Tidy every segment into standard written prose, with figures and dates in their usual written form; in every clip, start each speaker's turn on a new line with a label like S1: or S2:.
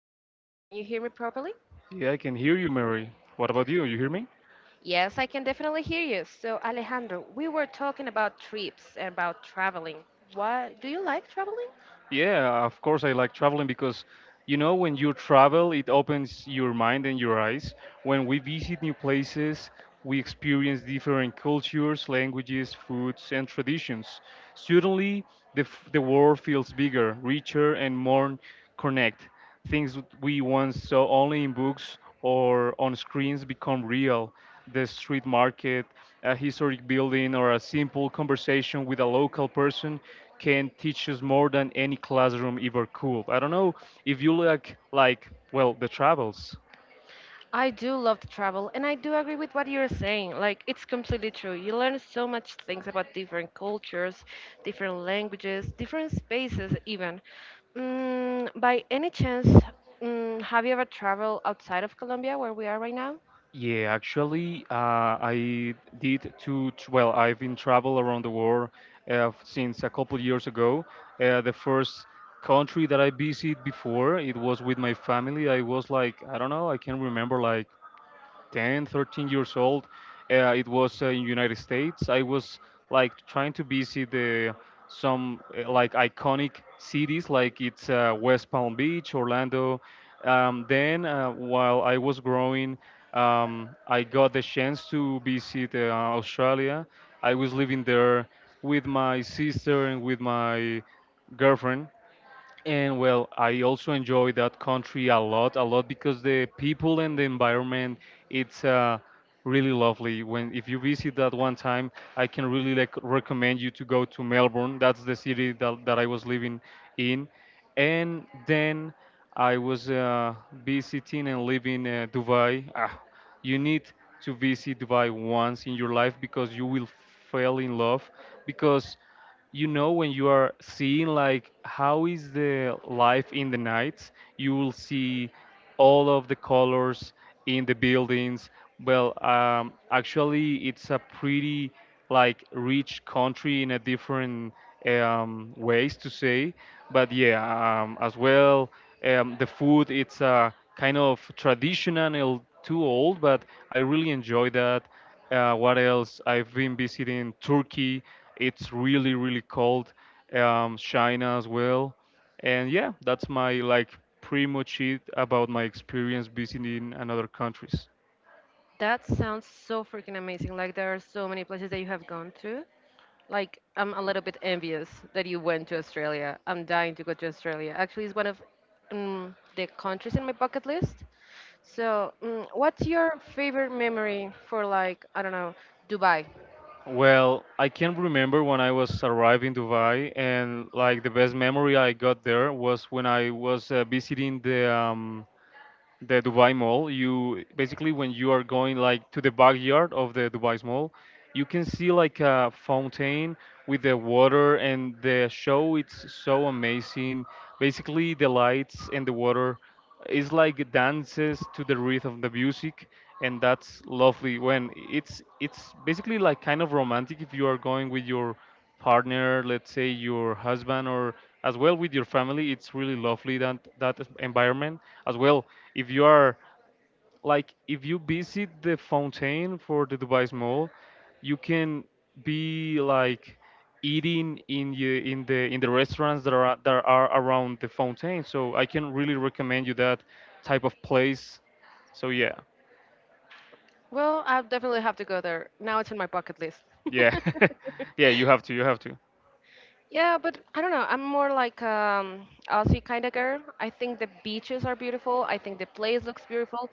S1: Alejandro, can you hear me properly?
S2: Yeah, I can hear you, Mary. What about you? You hear me?
S1: Yes, I can definitely hear you. So, Alejandro, we were talking about trips and about traveling. What do you like traveling?
S2: Yeah, of course I like traveling because when you travel it opens your mind and your eyes. When we visit new places, we experience different cultures, languages, foods and traditions. Suddenly the world feels bigger, richer and more connect. Things that we once saw only in books or on screens become real. The street market, a historic building or a simple conversation with a local person can teach us more than any classroom ever could. I don't know if you like well the travels.
S1: I do love to travel, and I do agree with what you're saying. Like, it's completely true. You learn so much things about different cultures, different languages, different spaces, even. By any chance, have you ever traveled outside of Colombia, where we are right now?
S2: Yeah, actually, I did two. Well, I've been travel around the world since a couple years ago. The first country that I visited before it was with my family. I was like I don't know. I can remember like 10, 13 years old. It was in United States. I was like trying to visit the some like iconic cities, like it's West Palm Beach, Orlando. Then, while I was growing, I got the chance to visit Australia. I was living there with my sister and with my girlfriend, and well, I also enjoy that country a lot because the people and the environment, it's really lovely. When if you visit that one time, I can really like recommend you to go to Melbourne. That's the city that I was living in, and then I was visiting and living Dubai. You need to visit Dubai once in your life because you will fall in love because when you are seeing like how is the life in the nights, you will see all of the colors in the buildings. Well, actually it's a pretty like rich country in a different ways to say. But yeah, as well, the food it's kind of traditional, and too old, but I really enjoy that. What else? I've been visiting Turkey. It's really really cold. China as well, and yeah, that's my like pretty much it about my experience visiting another countries.
S1: That sounds so freaking amazing. Like there are so many places that you have gone to. Like I'm a little bit envious that you went to Australia. I'm dying to go to Australia. Actually, it's one of the countries in my bucket list. So, what's your favorite memory for, like, I don't know, Dubai?
S2: Well, I can remember when I was arrived in Dubai, and like the best memory I got there was when I was visiting the Dubai Mall. You basically when you are going like to the backyard of the Dubai Mall, you can see like a fountain with the water, and the show it's so amazing. Basically, the lights and the water is like dances to the rhythm of the music, and that's lovely when it's basically like kind of romantic if you are going with your partner, let's say your husband, or as well with your family. It's really lovely environment as well. If you are like if you visit the fountain for the Dubai Mall, you can be like eating in the restaurants that are around the fountain. So I can really recommend you that type of place, so yeah.
S1: Well, I definitely have to go there. Now it's on my bucket list.
S2: Yeah. Yeah, you have to, you have to.
S1: Yeah, but I don't know. I'm more like Aussie kind of girl. I think the beaches are beautiful. I think the place looks beautiful.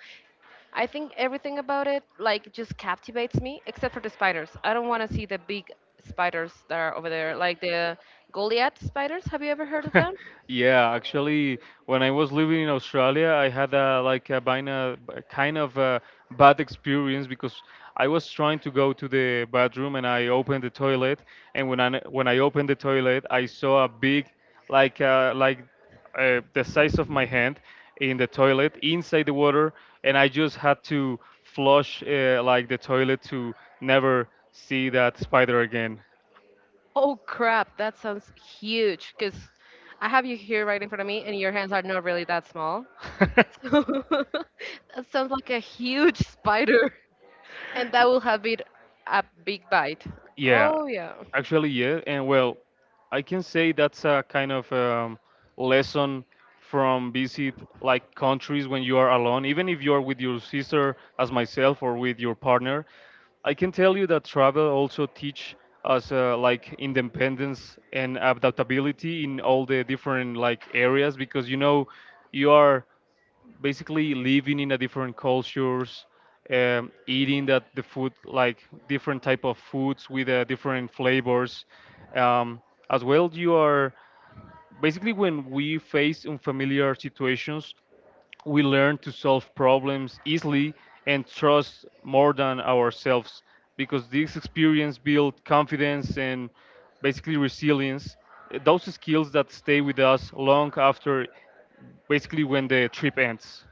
S1: I think everything about it, like, just captivates me, except for the spiders. I don't want to see the big spiders that are over there, like the Goliath spiders. Have you ever heard of them?
S2: Yeah, actually, when I was living in Australia, I had a kind of a bad experience because I was trying to go to the bathroom and I opened the toilet, and when I opened the toilet, I saw a big like like the size of my hand in the toilet inside the water, and I just had to flush like the toilet to never see that spider again.
S1: Oh crap, that sounds huge. Cause I have you here right in front of me, and your hands are not really that small. So that sounds like a huge spider, and that will have it a big bite.
S2: Yeah,
S1: Oh yeah.
S2: actually, yeah. And well, I can say that's a kind of lesson from visit like countries when you are alone, even if you are with your sister, as myself, or with your partner. I can tell you that travel also teach us like independence and adaptability in all the different like areas because you are basically living in a different cultures, eating that the food like different type of foods with different flavors. um, as well, you are basically when we face unfamiliar situations, we learn to solve problems easily and trust more than ourselves, because this experience build confidence and basically resilience, those skills that stay with us long after basically when the trip ends.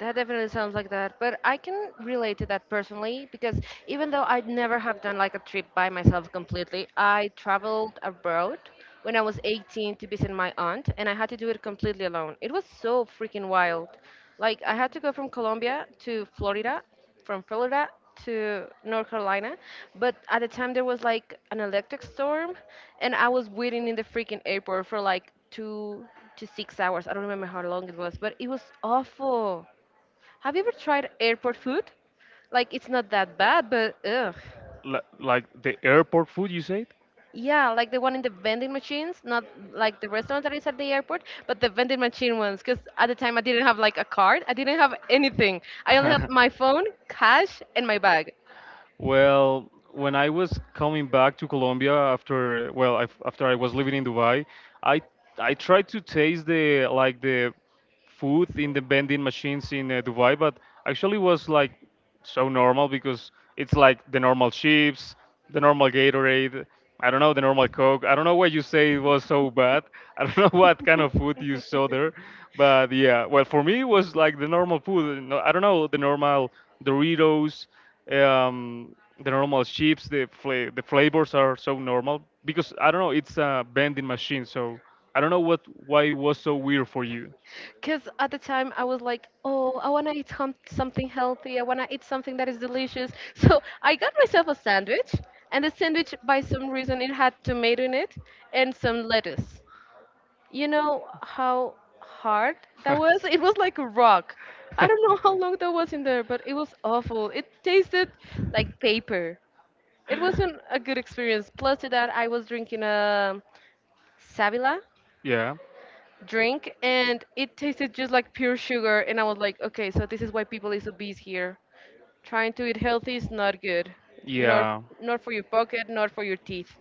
S1: That definitely sounds like that, but I can relate to that personally because, even though I'd never have done like a trip by myself completely, I traveled abroad when I was 18 to visit my aunt, and I had to do it completely alone. It was so freaking wild. Like, I had to go from Colombia to Florida, from Florida to North Carolina, but at the time there was like an electric storm, and I was waiting in the freaking airport for like 2 to 6 hours. I don't remember how long it was, but it was awful. Have you ever tried airport food? Like, it's not that bad, but ugh.
S2: Like the airport food, you said?
S1: Yeah, like the one in the vending machines, not like the restaurant that is at the airport, but the vending machine ones. Because at the time I didn't have like a card, I didn't have anything. I only had my phone, cash, and my bag.
S2: Well, when I was coming back to Colombia after, well, after I was living in Dubai, I I tried to taste the food in the vending machines in Dubai, but actually was like so normal because it's like the normal chips, the normal Gatorade. I don't know, the normal Coke. I don't know why you say it was so bad. I don't know what kind of food you saw there, but yeah. Well, for me it was like the normal food. No, I don't know, the normal Doritos, um, the normal chips. The flavors are so normal because I don't know. It's a vending machine, so I don't know what why it was so weird for you.
S1: Because at the time I was like, oh, I want to eat something healthy. I want to eat something that is delicious. So I got myself a sandwich, and the sandwich, by some reason, it had tomato in it and some lettuce. You know how hard that was? It was like a rock. I don't know how long that was in there, but it was awful. It tasted like paper. It wasn't a good experience. Plus to that, I was drinking a Savila
S2: Yeah,
S1: drink, and it tasted just like pure sugar. And I was like, okay, so this is why people is obese here. Trying to eat healthy is not good, nor
S2: yeah.
S1: nor for your pocket, nor for your teeth.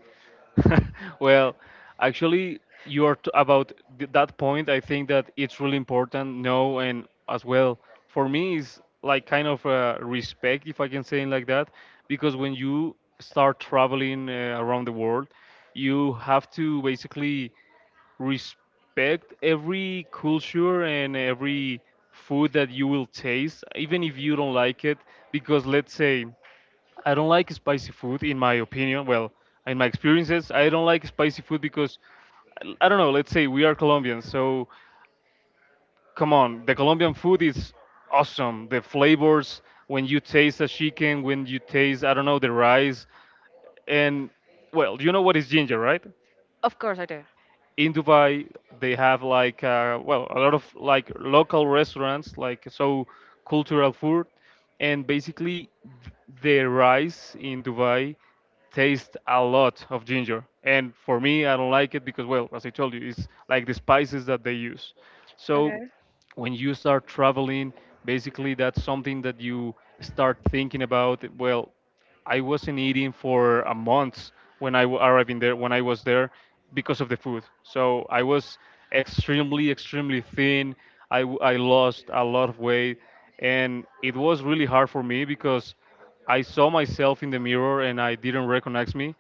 S2: Well, actually, you are t about th that point. I think that it's really important. No, and as well, for me, is like kind of respect, if I can say it like that, because when you start traveling around the world, you have to basically respect every culture and every food that you will taste, even if you don't like it, because let's say. I don't like spicy food, in my opinion. Well, in my experiences, I don't like spicy food because I don't know. Let's say we are Colombians, so come on, the Colombian food is awesome. The flavors when you taste a chicken, when you taste I don't know the rice, and well, you know what is ginger, right?
S1: Of course I do.
S2: In Dubai, they have like well a lot of like local restaurants like so cultural food, and basically th- the rice in Dubai tastes a lot of ginger, and for me I don't like it because well, as I told you, it's like the spices that they use. So
S1: Okay.
S2: when you start traveling, basically that's something that you start thinking about. Well, I wasn't eating for a month when I arrived in there, when I was there, because of the food. So I was extremely extremely thin. I lost a lot of weight, and it was really hard for me because I saw myself in the mirror and I didn't recognize me,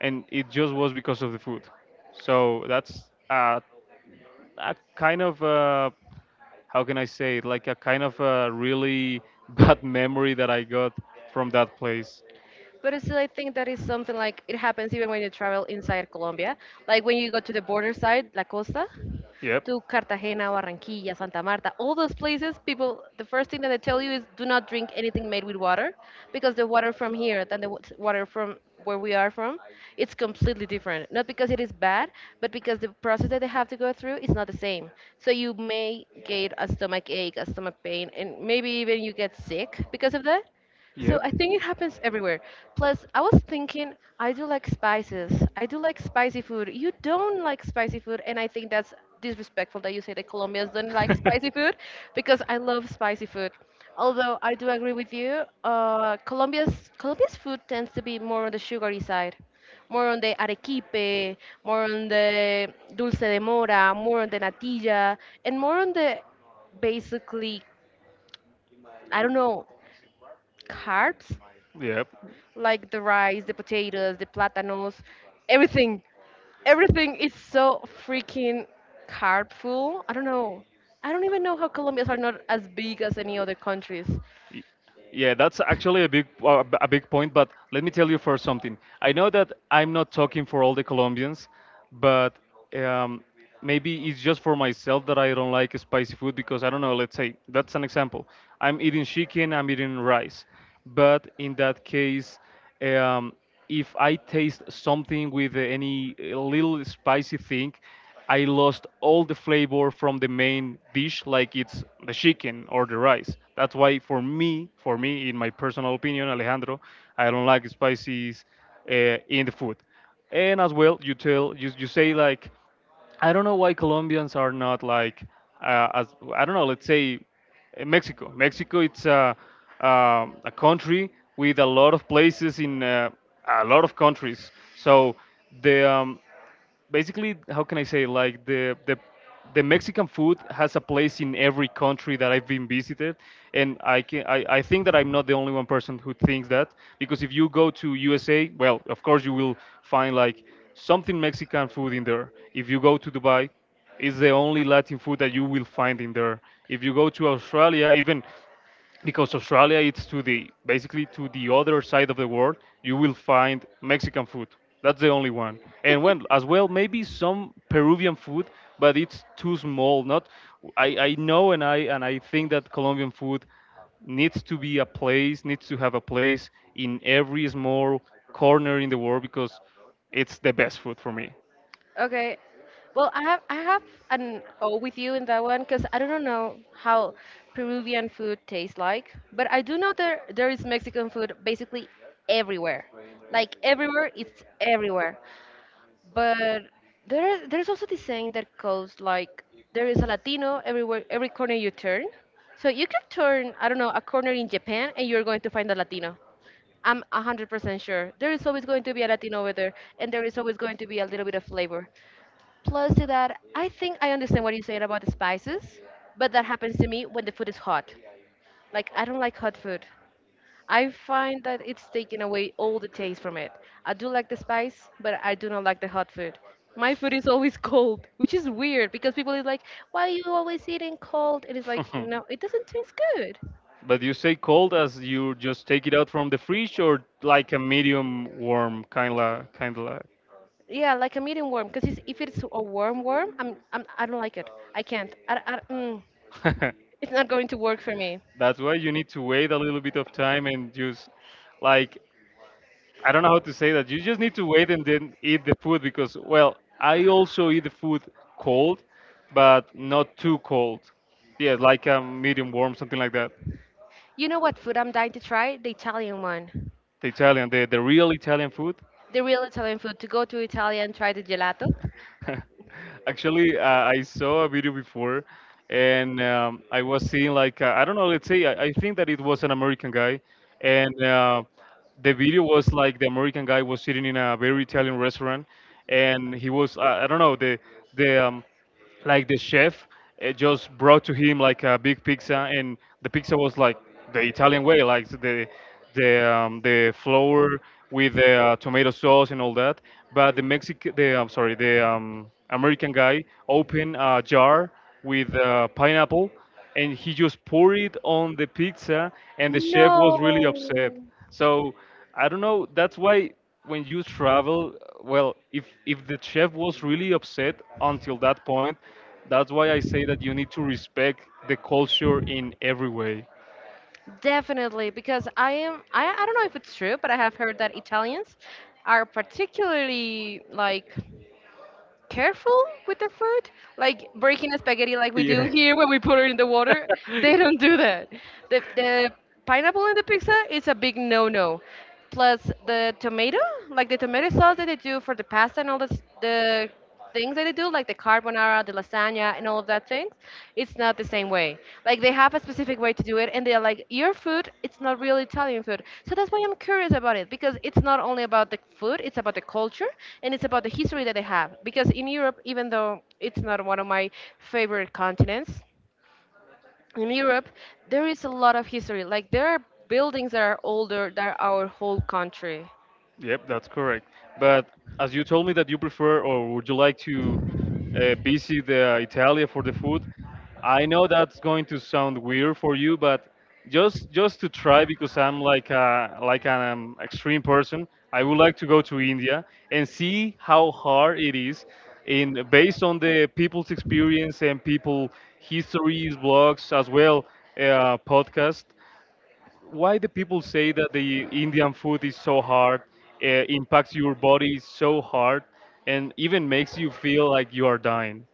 S2: and it just was because of the food. So that's a, a kind of how can I say it, like a kind of a really bad memory that I got from that place.
S1: But still, I think that is something like it happens even when you travel inside Colombia. Like when you go to the border side, La Costa,
S2: Yep.
S1: to Cartagena, Barranquilla, Santa Marta, all those places, people, the first thing that they tell you is do not drink anything made with water because the water from here than the water from where we are from, it's completely different. Not because it is bad, but because the process that they have to go through is not the same. So you may get a stomach ache, a stomach pain, and maybe even you get sick because of that. So
S2: Yep.
S1: I think it happens everywhere. Plus, I was thinking, I do like spices. I do like spicy food. You don't like spicy food, and I think that's disrespectful that you say that Colombians don't like spicy food because I love spicy food. Although I do agree with you, Colombia's food tends to be more on the sugary side, more on the arequipe, more on the dulce de mora, more on the natilla, and more on the, basically, I don't know, carbs,
S2: Yep.
S1: like the rice, the potatoes, the platanos, everything. Everything is so freaking carb full. I don't know. I don't even know how Colombians are not as big as any other countries.
S2: Y- Yeah, that's actually a big point, but let me tell you first something. I know that I'm not talking for all the Colombians, but um, maybe it's just for myself that I don't like spicy food because I don't know, let's say that's an example. I'm eating chicken, I'm eating rice. But in that case, um, if I taste something with any little spicy thing, I lost all the flavor from the main dish, like it's the chicken or the rice. That's why, for me, in my personal opinion, Alejandro, I don't like spices uh, in the food. And as well, you say like I don't know why Colombians are not like as I don't know. Let's say Mexico. Mexico, it's a country with a lot of places in a lot of countries. So the basically how can I say like the Mexican food has a place in every country that I've been visited, and I think that I'm not the only one person who thinks that, because if you go to USA, well, of course you will find like something Mexican food in there. If you go to Dubai, it's the only Latin food that you will find in there. If you go to Australia, even because Australia it's to the basically to the other side of the world, you will find Mexican food. That's the only one. And when as well maybe some Peruvian food, but it's too small. Not I know, and I think that Colombian food needs to be a place, needs to have a place in every small corner in the world, because it's the best food for me.
S1: Okay. Well, I have an O with you in that one because I don't know how Peruvian food tastes like, but I do know there is Mexican food basically everywhere. Like everywhere, it's everywhere. But there's also this saying that goes like there is a Latino everywhere, every corner you turn. So you can turn, I don't know, a corner in Japan and you're going to find a Latino. I'm 100% sure. There is always going to be a Latino over there, and there is always going to be a little bit of flavor. Plus, to that, I think I understand what you are saying about the spices, but that happens to me when the food is hot. Like, I don't like hot food. I find that it's taking away all the taste from it. I do like the spice, but I do not like the hot food. My food is always cold, which is weird because people is like, "Why are you always eating cold?" It is like, no, it doesn't taste good.
S2: But you say cold as you just take it out from the fridge, or like a medium warm kind of.
S1: Yeah, like I'm eating warm, because if it's a warm worm, I don't like it. I can't. I, it's not going to work for me.
S2: That's why you need to wait a little bit of time and just like I don't know how to say that. You just need to wait and then eat the food because, well, I also eat the food cold, but not too cold. Yeah, like a medium warm, something like that.
S1: You know what food I'm dying to try? The Italian one,
S2: The Italian, the real Italian food.
S1: the real Italian food. To go to Italy and try the gelato.
S2: Actually, I saw a video before, and I was seeing like I don't know. Let's say I think that it was an American guy, and the video was like the American guy was sitting in a very Italian restaurant, and he was I don't know the like
S1: Like,
S2: the chef
S1: I chose
S2: just brought to him like a big pizza, and the
S1: the
S2: pizza
S1: pixels
S2: was like the
S1: well,
S2: italian
S1: with.
S2: way, like the the flour with the tomato sauce and all that, but the mexican the I'm sorry the american guy opened a jar with pineapple, and he just poured it on the pizza, and the chef was really upset.
S1: No.
S2: So I don't know, that's why when you travel, well, if the chef was really upset until that point, that's why I say that you need to respect the culture in every way.
S1: Definitely, because I don't know if it's true, but I have heard that Italians are particularly like careful with their food, like breaking a spaghetti like we do
S2: Yeah.
S1: here when we put it in the water. They don't do that. The pineapple in the pizza is a big no-no. Plus the tomato, like the tomato sauce that they do for the pasta and all the things that they do, like the carbonara, the lasagna and all of that things, it's not the same way. Like they have a specific way to do it, and they're like, your food, it's not really Italian food. So that's why I'm curious about it, because it's not only about the food, it's about the culture and it's about the history that they have. Because in Europe, even though it's not one of my favorite continents, in Europe, there is a lot of history. Like there are buildings that are older than our whole country.
S2: Yep, that's correct. But as you told me that you prefer or would you like to visit Italy for the food, I know that's going to sound weird for you, but just to try, because I'm like a, like an extreme person, I would like to go to India and see how hard it is in based on the people's experience and people histories, blogs as well, podcasts, why the people say that the Indian food is so hard, impacts your body so hard, and even makes you feel like you are dying.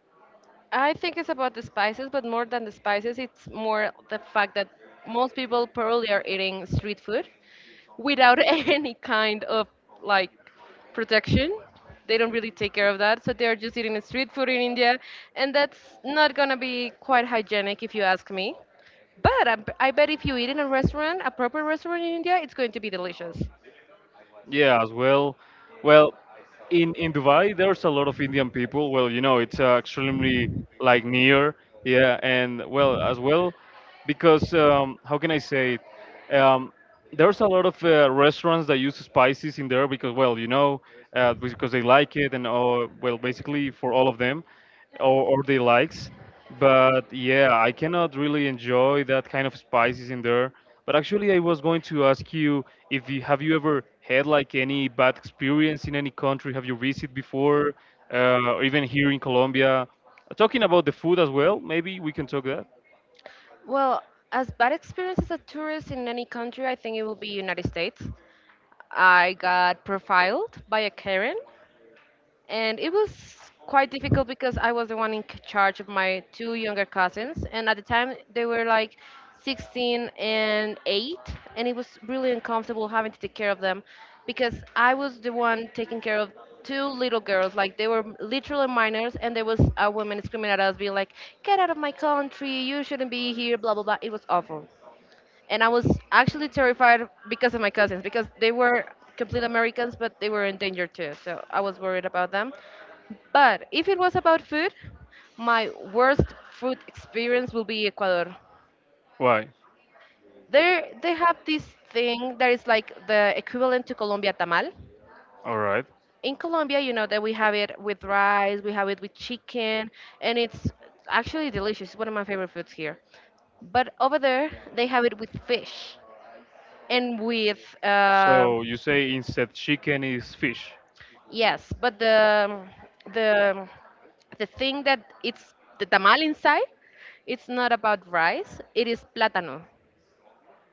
S1: I think it's about the spices, but more than the spices, it's more the fact that most people probably are eating street food without any kind of, like, protection. They don't really take care of that, so they're just eating street food in India, and that's not gonna be quite hygienic if you ask me. But I bet if you eat in a restaurant, a proper restaurant in India, it's going to be delicious.
S2: Yeah, as well. Well, in Dubai, there's a lot of Indian people. Well, you know, it's extremely like near, yeah, and well as well, because how can I say it? There's a lot of restaurants that use spices in there because, well, you know, because they like it and oh, well, basically for all of them, or they likes. But yeah, I cannot really enjoy that kind of spices in there, but actually, I was going to ask you if you have you ever had like any bad experience in any country have you visited before, or even here in Colombia? Talking about the food as well, maybe we can talk that.
S1: Well, as bad experience as a tourist in any country, I think it will be United States. I got profiled by a Karen and it was quite difficult because I was the one in charge of my two younger cousins, and at the time they were like 16 and 8, and it was really uncomfortable having to take care of them because I was the one taking care of two little girls, like they were literally minors, and there was a woman screaming at us being like, get out of my country, you shouldn't be here, blah blah blah. It was awful, and I was actually terrified because of my cousins, because they were complete Americans, but they were in danger too. So I was worried about them. But if it was about food, my worst food experience will be Ecuador.
S2: Why?
S1: There, they have this thing that is like the equivalent to Colombia tamal.
S2: All right.
S1: In Colombia, you know that we have it with rice, we have it with chicken, and it's actually delicious. It's one of my favorite foods here. But over there, they have it with fish. And with
S2: So you say instead chicken is fish.
S1: yes, but the the thing that it's the tamal inside, it's not about rice. It is plátano,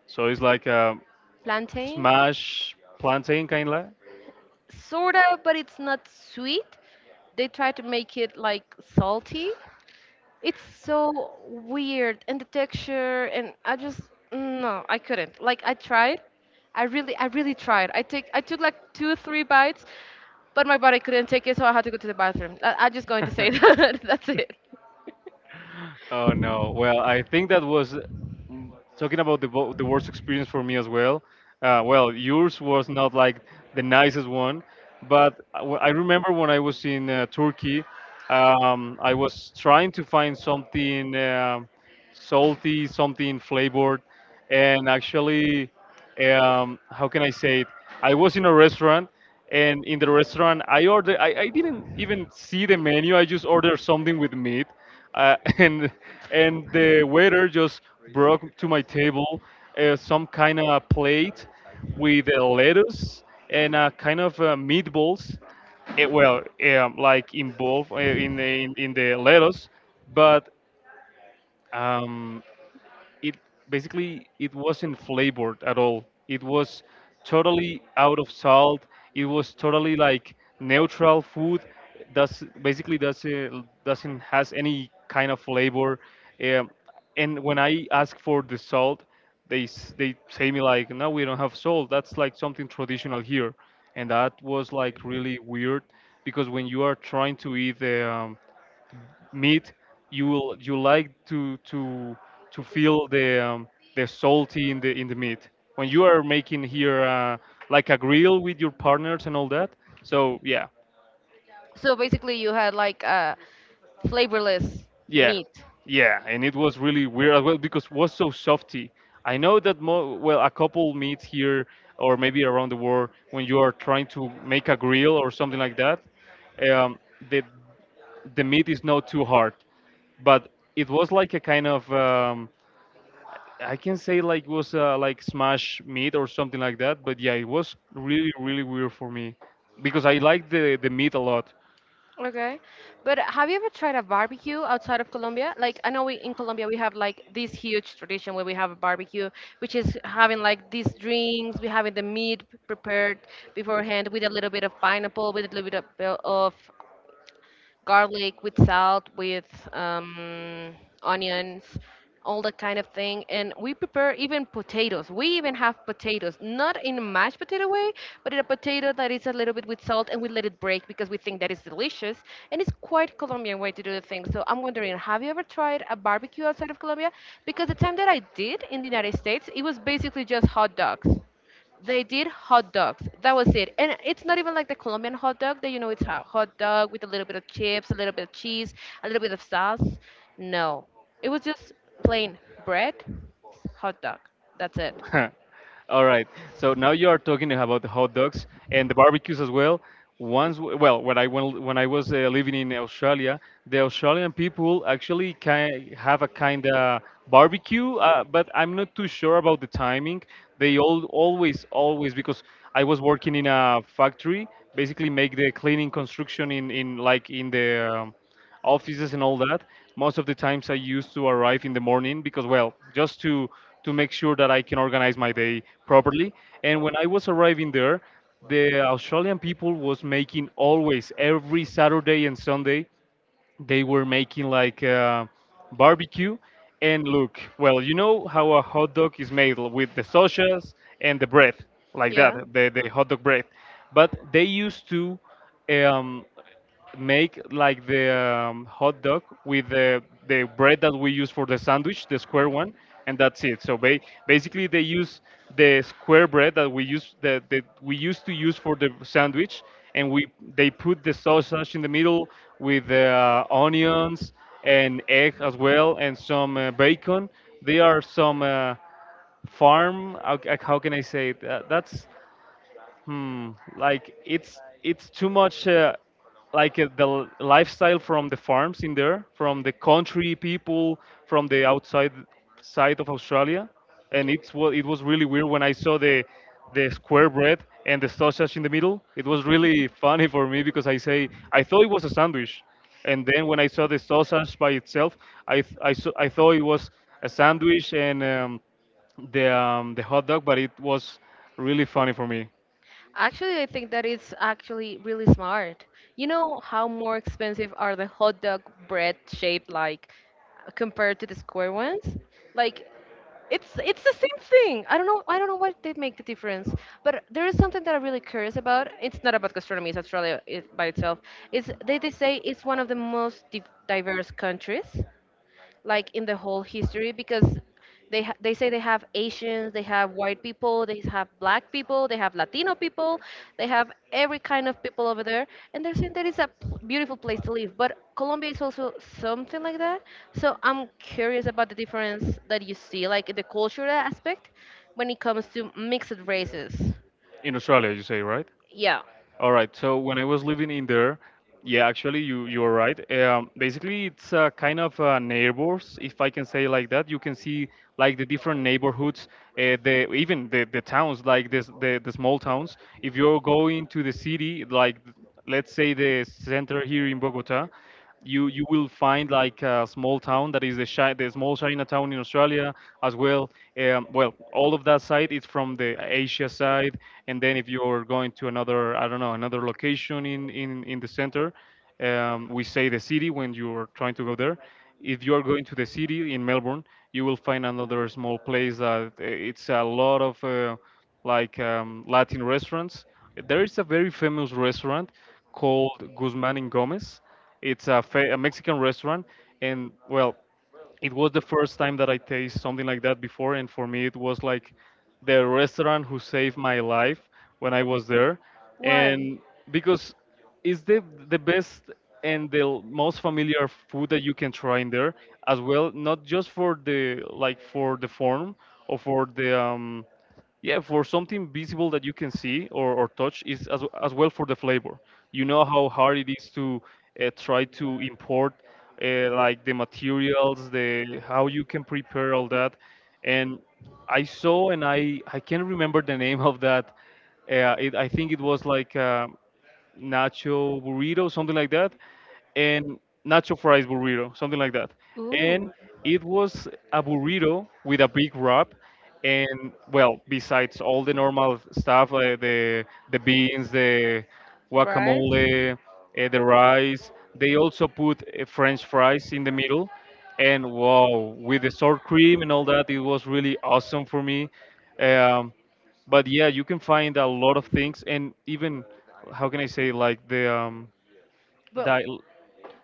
S2: So it's like a
S1: plantain,
S2: smash plantain kind of.
S1: sorta, but it's not sweet. They try to make it like salty. It's so weird, and the texture, and I just no, I couldn't. Like, I tried, I really tried. I took like two three bites, but my body couldn't take it, so I had to go to the bathroom. I'm just going to say that's it.
S2: Oh no. Well, I think that was talking about the worst experience for me as well. Well, yours was not like the nicest one, but I remember when I was in Turkey, I was trying to find something salty, something flavored, and actually, how can I say it? I was in a restaurant, and in the restaurant, I ordered. I didn't even see the menu. I just ordered something with meat, uh, and and the waiter just brought to my table some kind of plate with lettuce and kind of meatballs. Eh, well, like involved in in the lettuce, but um, it basically it wasn't flavored at all. It was totally out of salt. It was totally like neutral food. Does basically does doesn't has any kind of flavor. Um, and when I ask for the salt, they say me like, no, we don't have salt. That's like something traditional here, and that was like really weird because when you are trying to eat the meat, you like to feel the salty in the meat when you are making here like a grill with your partners and all that. So yeah,
S1: So basically you had like a flavorless
S2: yeah,
S1: meat.
S2: yeah, and it was really weird as well because it was so softy. I know that well a couple meets here or maybe around the world when you are trying to make a grill or something like that, um, the the meat is not too hard, but it was like a kind of I can say like it was like smash meat or something like that, but yeah, it was really really weird for me because I like the meat a lot.
S1: Okay. But have you ever tried a barbecue outside of Colombia? Like, I know we in Colombia we have like this huge tradition where we have a barbecue, which is having like these drinks, we having the meat prepared beforehand with a little bit of pineapple, with a little bit of garlic, with salt, with um, onions, all that kind of thing. And we prepare even potatoes. We even have potatoes, not in a mashed potato way, but in a potato that is a little bit with salt, and we let it break because we think that is delicious. And it's quite Colombian way to do the thing. So I'm wondering, have you ever tried a barbecue outside of Colombia? Because the time that I did in the United States, it was basically just hot dogs. They did hot dogs. That was it. And it's not even like the Colombian hot dog that you know it's a hot dog with a little bit of chips, a little bit of cheese, a little bit of sauce. No. It was just plain bread, hot dog. That's it.
S2: All right. So now you are talking about the hot dogs and the barbecues as well. Once, well, when I went, when I was living in Australia, the Australian people actually ki have a kind of barbecue, but I'm not too sure about the timing. They all always, always, because I was working in a factory, basically make the cleaning construction in like in the um, offices and all that. Most of the times I used to arrive in the morning because, well, just to make sure that I can organize my day properly. And when I was arriving there, the Australian people was making always every Saturday and Sunday, they were making like barbecue. And look, well, you know how a hot dog is made with the sausages and the bread, like that,
S1: Yeah.
S2: the hot dog bread. But they used to um, make like the hot dog with the bread that we use for the sandwich, the square one, and that's it. So basically, they use the square bread that we use that we used to use for the sandwich, and we they put the sausage in the middle with the onions and egg as well, and some bacon. They are some farm. How can I say it? That's Hmm, like it's too much like lifestyle from the farms in there, from the country people, from the outside side of Australia, and it was really weird when I saw the square bread and the sausage in the middle. It was really funny for me because I say I thought it was a sandwich, and then when I saw the sausage by itself, I th- I, saw, I thought it was a sandwich and the hot dog, but it was really funny for me.
S1: Actually, I think that is actually really smart. You know how more expensive are the hot dog bread shaped like compared to the square ones? Like, it's the same thing. I don't know, I don't know what did make the difference. But there is something that I'm really curious about. It's not about gastronomy, it's Australia it, by itself. Is they say it's one of the most div diverse countries like in the whole history because they say they have Asians, they have white people, they have black people, they have Latino people, they have every kind of people over there, and they're saying that it's a p- beautiful place to live. But Colombia is also something like that. So I'm curious about the difference that you see, like the cultural aspect, when it comes to mixed races.
S2: In Australia, you say, right?
S1: Yeah.
S2: All right. So when I was living in there, yeah, actually, you are right. Basically, it's a kind of neighbors, if I can say like that. You can see like the different neighborhoods, the towns, like this the small towns. If you're going to the city, like let's say the center here in Bogota, you will find like a small town that is the small Chinatown in Australia as well. Well, all of that side is from the Asia side, and then if you're going to another, I don't know, another location in the center, we say the city when you're trying to go there. If you are going to the city in Melbourne, you will find another small place that it's a lot of Latin restaurants. There is a very famous restaurant called Guzman and Gomez. It's a, a Mexican restaurant, and well, it was the first time that I taste something like that before, and for me it was like the restaurant who saved my life when I was there,
S1: Why?
S2: and because it's the best and most familiar food that you can try in there as well, not just for the like for the form or for the yeah, for something visible that you can see or touch, is as well for the flavor. You know how hard it is to try to import like the materials, the how you can prepare all that. And I saw and I can't remember the name of that. I think it was like nacho burrito, something like that, and nacho fries burrito, something like that. And
S1: Ooh,
S2: it was a burrito with a big wrap, and well, besides all the normal stuff, the beans, the
S1: right?
S2: guacamole, the rice, they also put French fries in the middle. And wow, with the sour cream and all that, it was really awesome for me. Um, but yeah, you can find a lot of things, and even how can I say like di-
S1: But.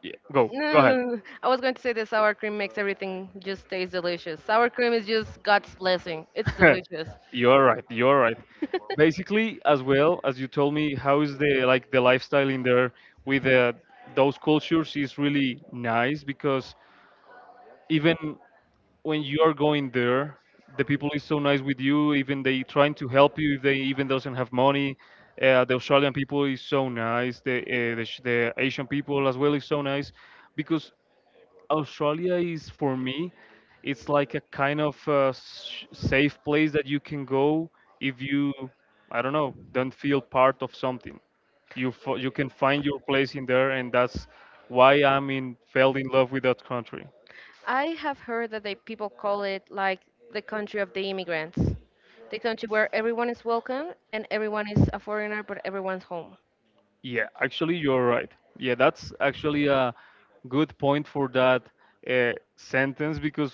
S2: yeah,
S1: No, no,
S2: go
S1: no, no, I was going to say that sour cream makes everything just taste delicious. Sour cream is just God's blessing. It's
S2: ahead.
S1: delicious.
S2: You're right, you're right. Basically, as well, as you told me how is the like the lifestyle in there with those cultures is really nice because even when you are going there, the people is so nice with you. Even they trying to help you if they even doesn't have money. The Australian people is so nice. The Asian people as well is so nice, because Australia is for me, it's like a kind of safe place that you can go if you, I don't know, don't feel part of something. You can find your place in there, and that's why I'm in fell in love with that country.
S1: I have heard that they people call it like the country of the immigrants, the country where everyone is welcome and everyone is a foreigner, but everyone's home.
S2: Yeah, actually, you're right. Yeah, that's actually a good point for that sentence because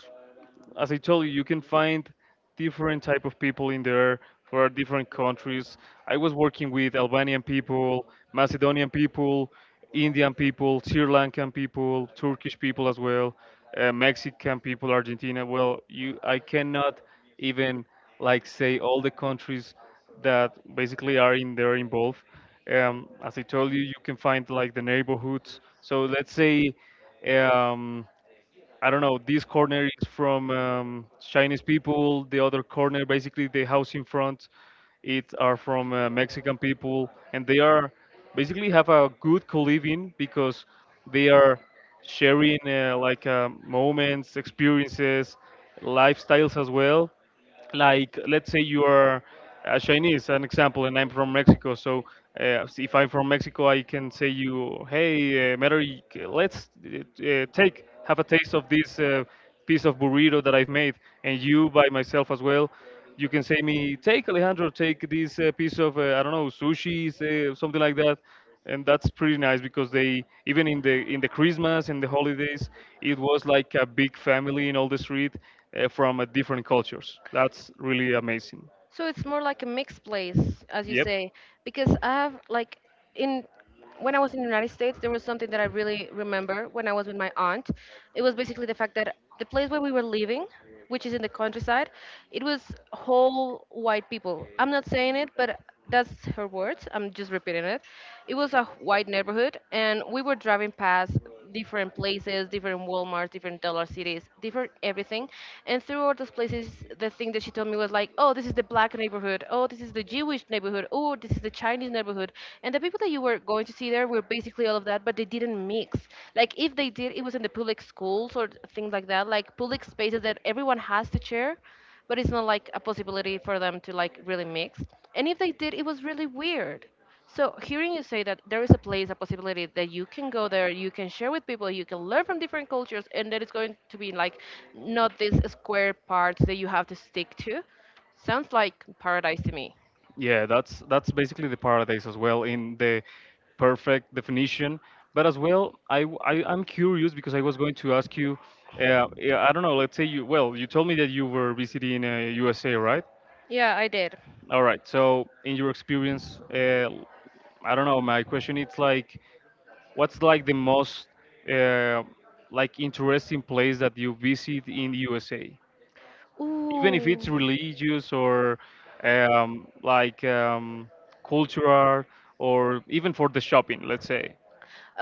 S2: as I told you, you can find different type of people in there for different countries. I was working with Albanian people, Macedonian people, Indian people, Sri Lankan people, Turkish people as well, Mexican people, Argentina. Well, I cannot even like say all the countries that basically are in there involved. As I told you, you can find like the neighborhoods. So let's say. Um, I don't know, this corner is from Chinese people, the other corner, basically the house in front, it are from Mexican people, and they are basically have a good co-living because they are sharing moments, experiences, lifestyles as well, like let's say you are a Chinese, an example, and I'm from Mexico. So uh, if I'm from Mexico, I can say you, hey, Mary, let's take have a taste of this piece of burrito that I've made, and you by myself as well. You can say me, take Alejandro, take this piece of, I don't know, sushi, say, something like that. And that's pretty nice because they even in the Christmas and the holidays, it was like a big family in all the street, from different cultures. That's really amazing.
S1: So it's more like a mixed place, as you
S2: Yep.
S1: say, because I have like in when I was in the United States, there was something that I really remember when I was with my aunt. It was basically the fact that the place where we were living, which is in the countryside, it was whole white people. I'm not saying it, but that's her words. I'm just repeating it. It was a white neighborhood, and we were driving past different places, different Walmarts, different Dollar Cities, different everything. And through all those places, the thing that she told me was like, oh, this is the black neighborhood. Oh, this is the Jewish neighborhood. Oh, this is the Chinese neighborhood. And the people that you were going to see there were basically all of that, but they didn't mix. Like, if they did, it was in the public schools or things like that, like public spaces that everyone has to share, but it's not like a possibility for them to like really mix. And if they did, it was really weird. So hearing you say that there is a place, a possibility that you can go there, you can share with people, you can learn from different cultures, and that it's going to be like not these square parts that you have to stick to. Sounds like paradise to me.
S2: Yeah, that's basically the paradise as well in the perfect definition. But as well, I am curious because I was going to ask you, yeah, I don't know. Let's say you well, you told me that you were visiting USA, right?
S1: Yeah, I did.
S2: All right. So in your experience, I don't know. My question is like, what's like the most uh, interesting place that you visit in USA? Even if
S1: Ooh.
S2: it's religious or um, like um, cultural, or even for the shopping, let's say.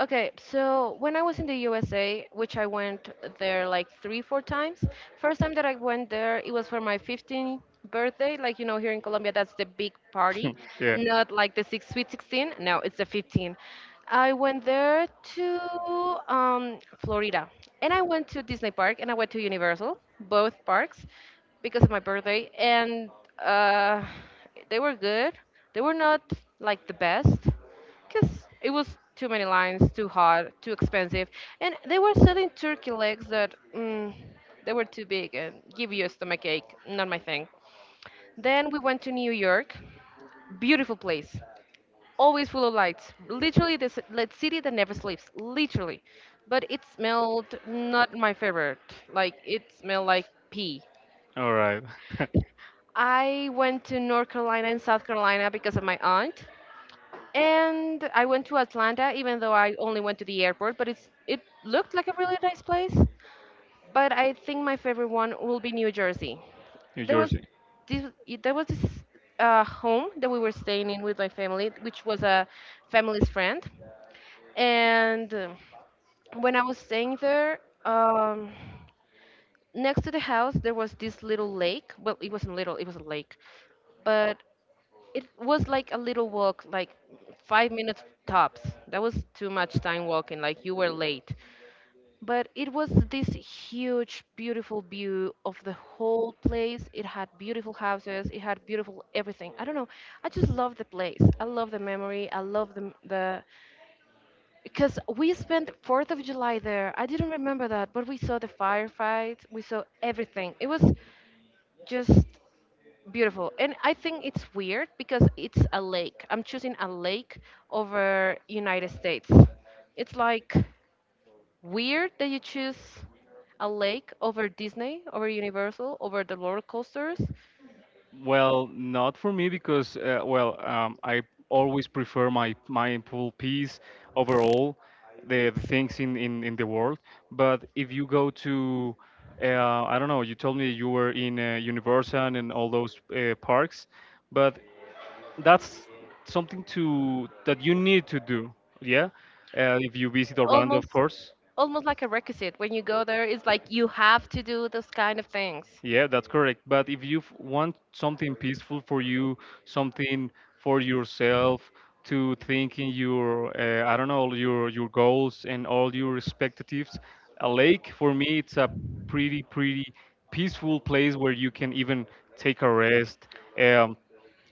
S1: Okay, so when I was in the USA, which I went there like three, four times, first time that I went there, it was for my 15th birthday. Like, you know, here in Colombia, that's the big party,
S2: Yeah.
S1: not like the six, sweet 16. No, it's the 15. I went there to Florida, and I went to Disney Park and I went to Universal, both parks, because of my birthday. And uh, they were good, they were not like the best because it was too many lines, too hot, too expensive, and they were selling turkey legs that they were too big and give you a stomach ache. Not my thing. Then we went to New York, beautiful place, always full of lights. Literally, the ci- the city that never sleeps. Literally, but it smelled not my favorite. Like, it smelled like pee.
S2: All right.
S1: I went to North Carolina and South Carolina because of my aunt. And I went to Atlanta, even though I only went to the airport, but it's it looked like a really nice place. But I think my favorite one will be New Jersey.
S2: New
S1: There was
S2: Jersey.
S1: this there was this home that we were staying in with my family, which was a family's friend. And when I was staying there, um, next to the house there was this little lake. Well, it wasn't little; it was a lake, but it was like a little walk, like 5 minutes tops. That was too much time walking, like you were late. But it was this huge, beautiful view of the whole place. It had beautiful houses, it had beautiful everything. I don't know. I just love the place. I love the memory. I love the because we spent 4th of July there. I didn't remember that, but we saw the firefights, we saw everything. It was just beautiful. And I think it's weird because it's a lake. I'm choosing a lake over United States. It's like weird that you choose a lake over Disney, over Universal, over the roller coasters.
S2: Well, not for me because I always prefer my mindful peace overall, the things in the world. But if you go to, I don't know, you told me you were in Universal and all those parks, but that's something to that you need to do. Yeah, if you visit Orlando, of
S1: Almost,
S2: course.
S1: almost like a requisite. When you go there, it's like you have to do those kind of things.
S2: Yeah, that's correct. But if you want something peaceful for you, something for yourself, to think in your I don't know, your goals and all your expectatives. A lake for me, it's a pretty peaceful place where you can even take a rest, um,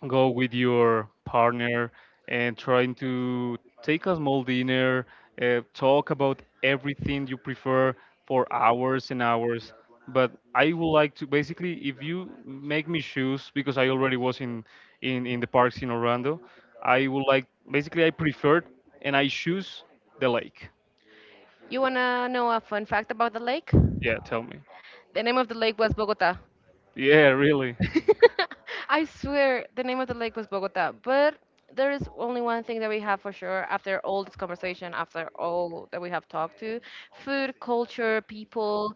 S2: go with your partner, and trying to take a small dinner, talk about everything you prefer for hours and hours. But I would like to basically, if you make me choose, because I already was in in the parks in Orlando, I would like basically I preferred and I choose the lake.
S1: You wanna know a fun fact about the lake?
S2: Yeah, tell me.
S1: The name of the lake was Bogota.
S2: Yeah, really.
S1: I swear the name of the lake was Bogota, but there is only one thing that we have for sure after all this conversation, after all that we have talked to food, culture, people,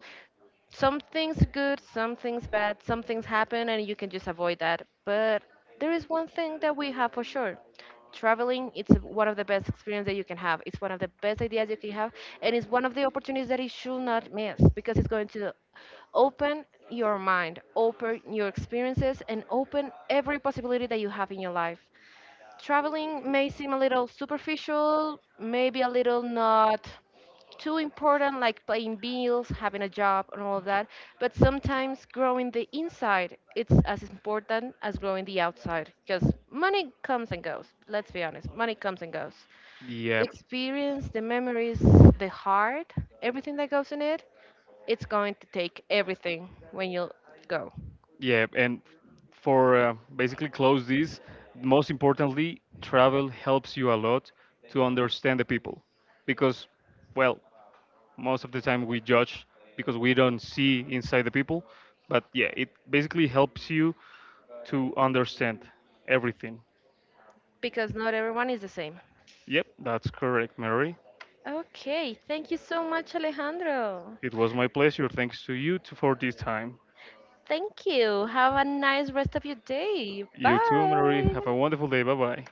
S1: something's good, something's bad, something's happen, and you can just avoid that. But there is one thing that we have for sure. Traveling, it's one of the best experience that you can have. It's one of the best ideas you can have, and it's one of the opportunities that you should not miss because it's going to open your mind, open your experiences, and open every possibility that you have in your life. Traveling may seem a little superficial, maybe a little not too important, like paying bills, having a job, and all of that, but sometimes growing the inside it's as important as growing the outside, because money comes and goes. Let's be honest, money comes and goes.
S2: Yeah.
S1: The experience, the memories, the heart, everything that goes in it, it's going to take everything when you go,
S2: Yeah, and for basically close this, most importantly, travel helps you a lot to understand the people because, well, most of the time we judge because we don't see inside the people, but yeah, it basically helps you to understand everything.
S1: because not everyone is the same.
S2: Yep, that's correct, Mary.
S1: Okay, thank you so much, Alejandro.
S2: It was my pleasure. Thanks to you for this time.
S1: Thank you, have a nice rest of your day.
S2: You too, Mary.
S1: Bye.
S2: Have a wonderful day. Bye bye.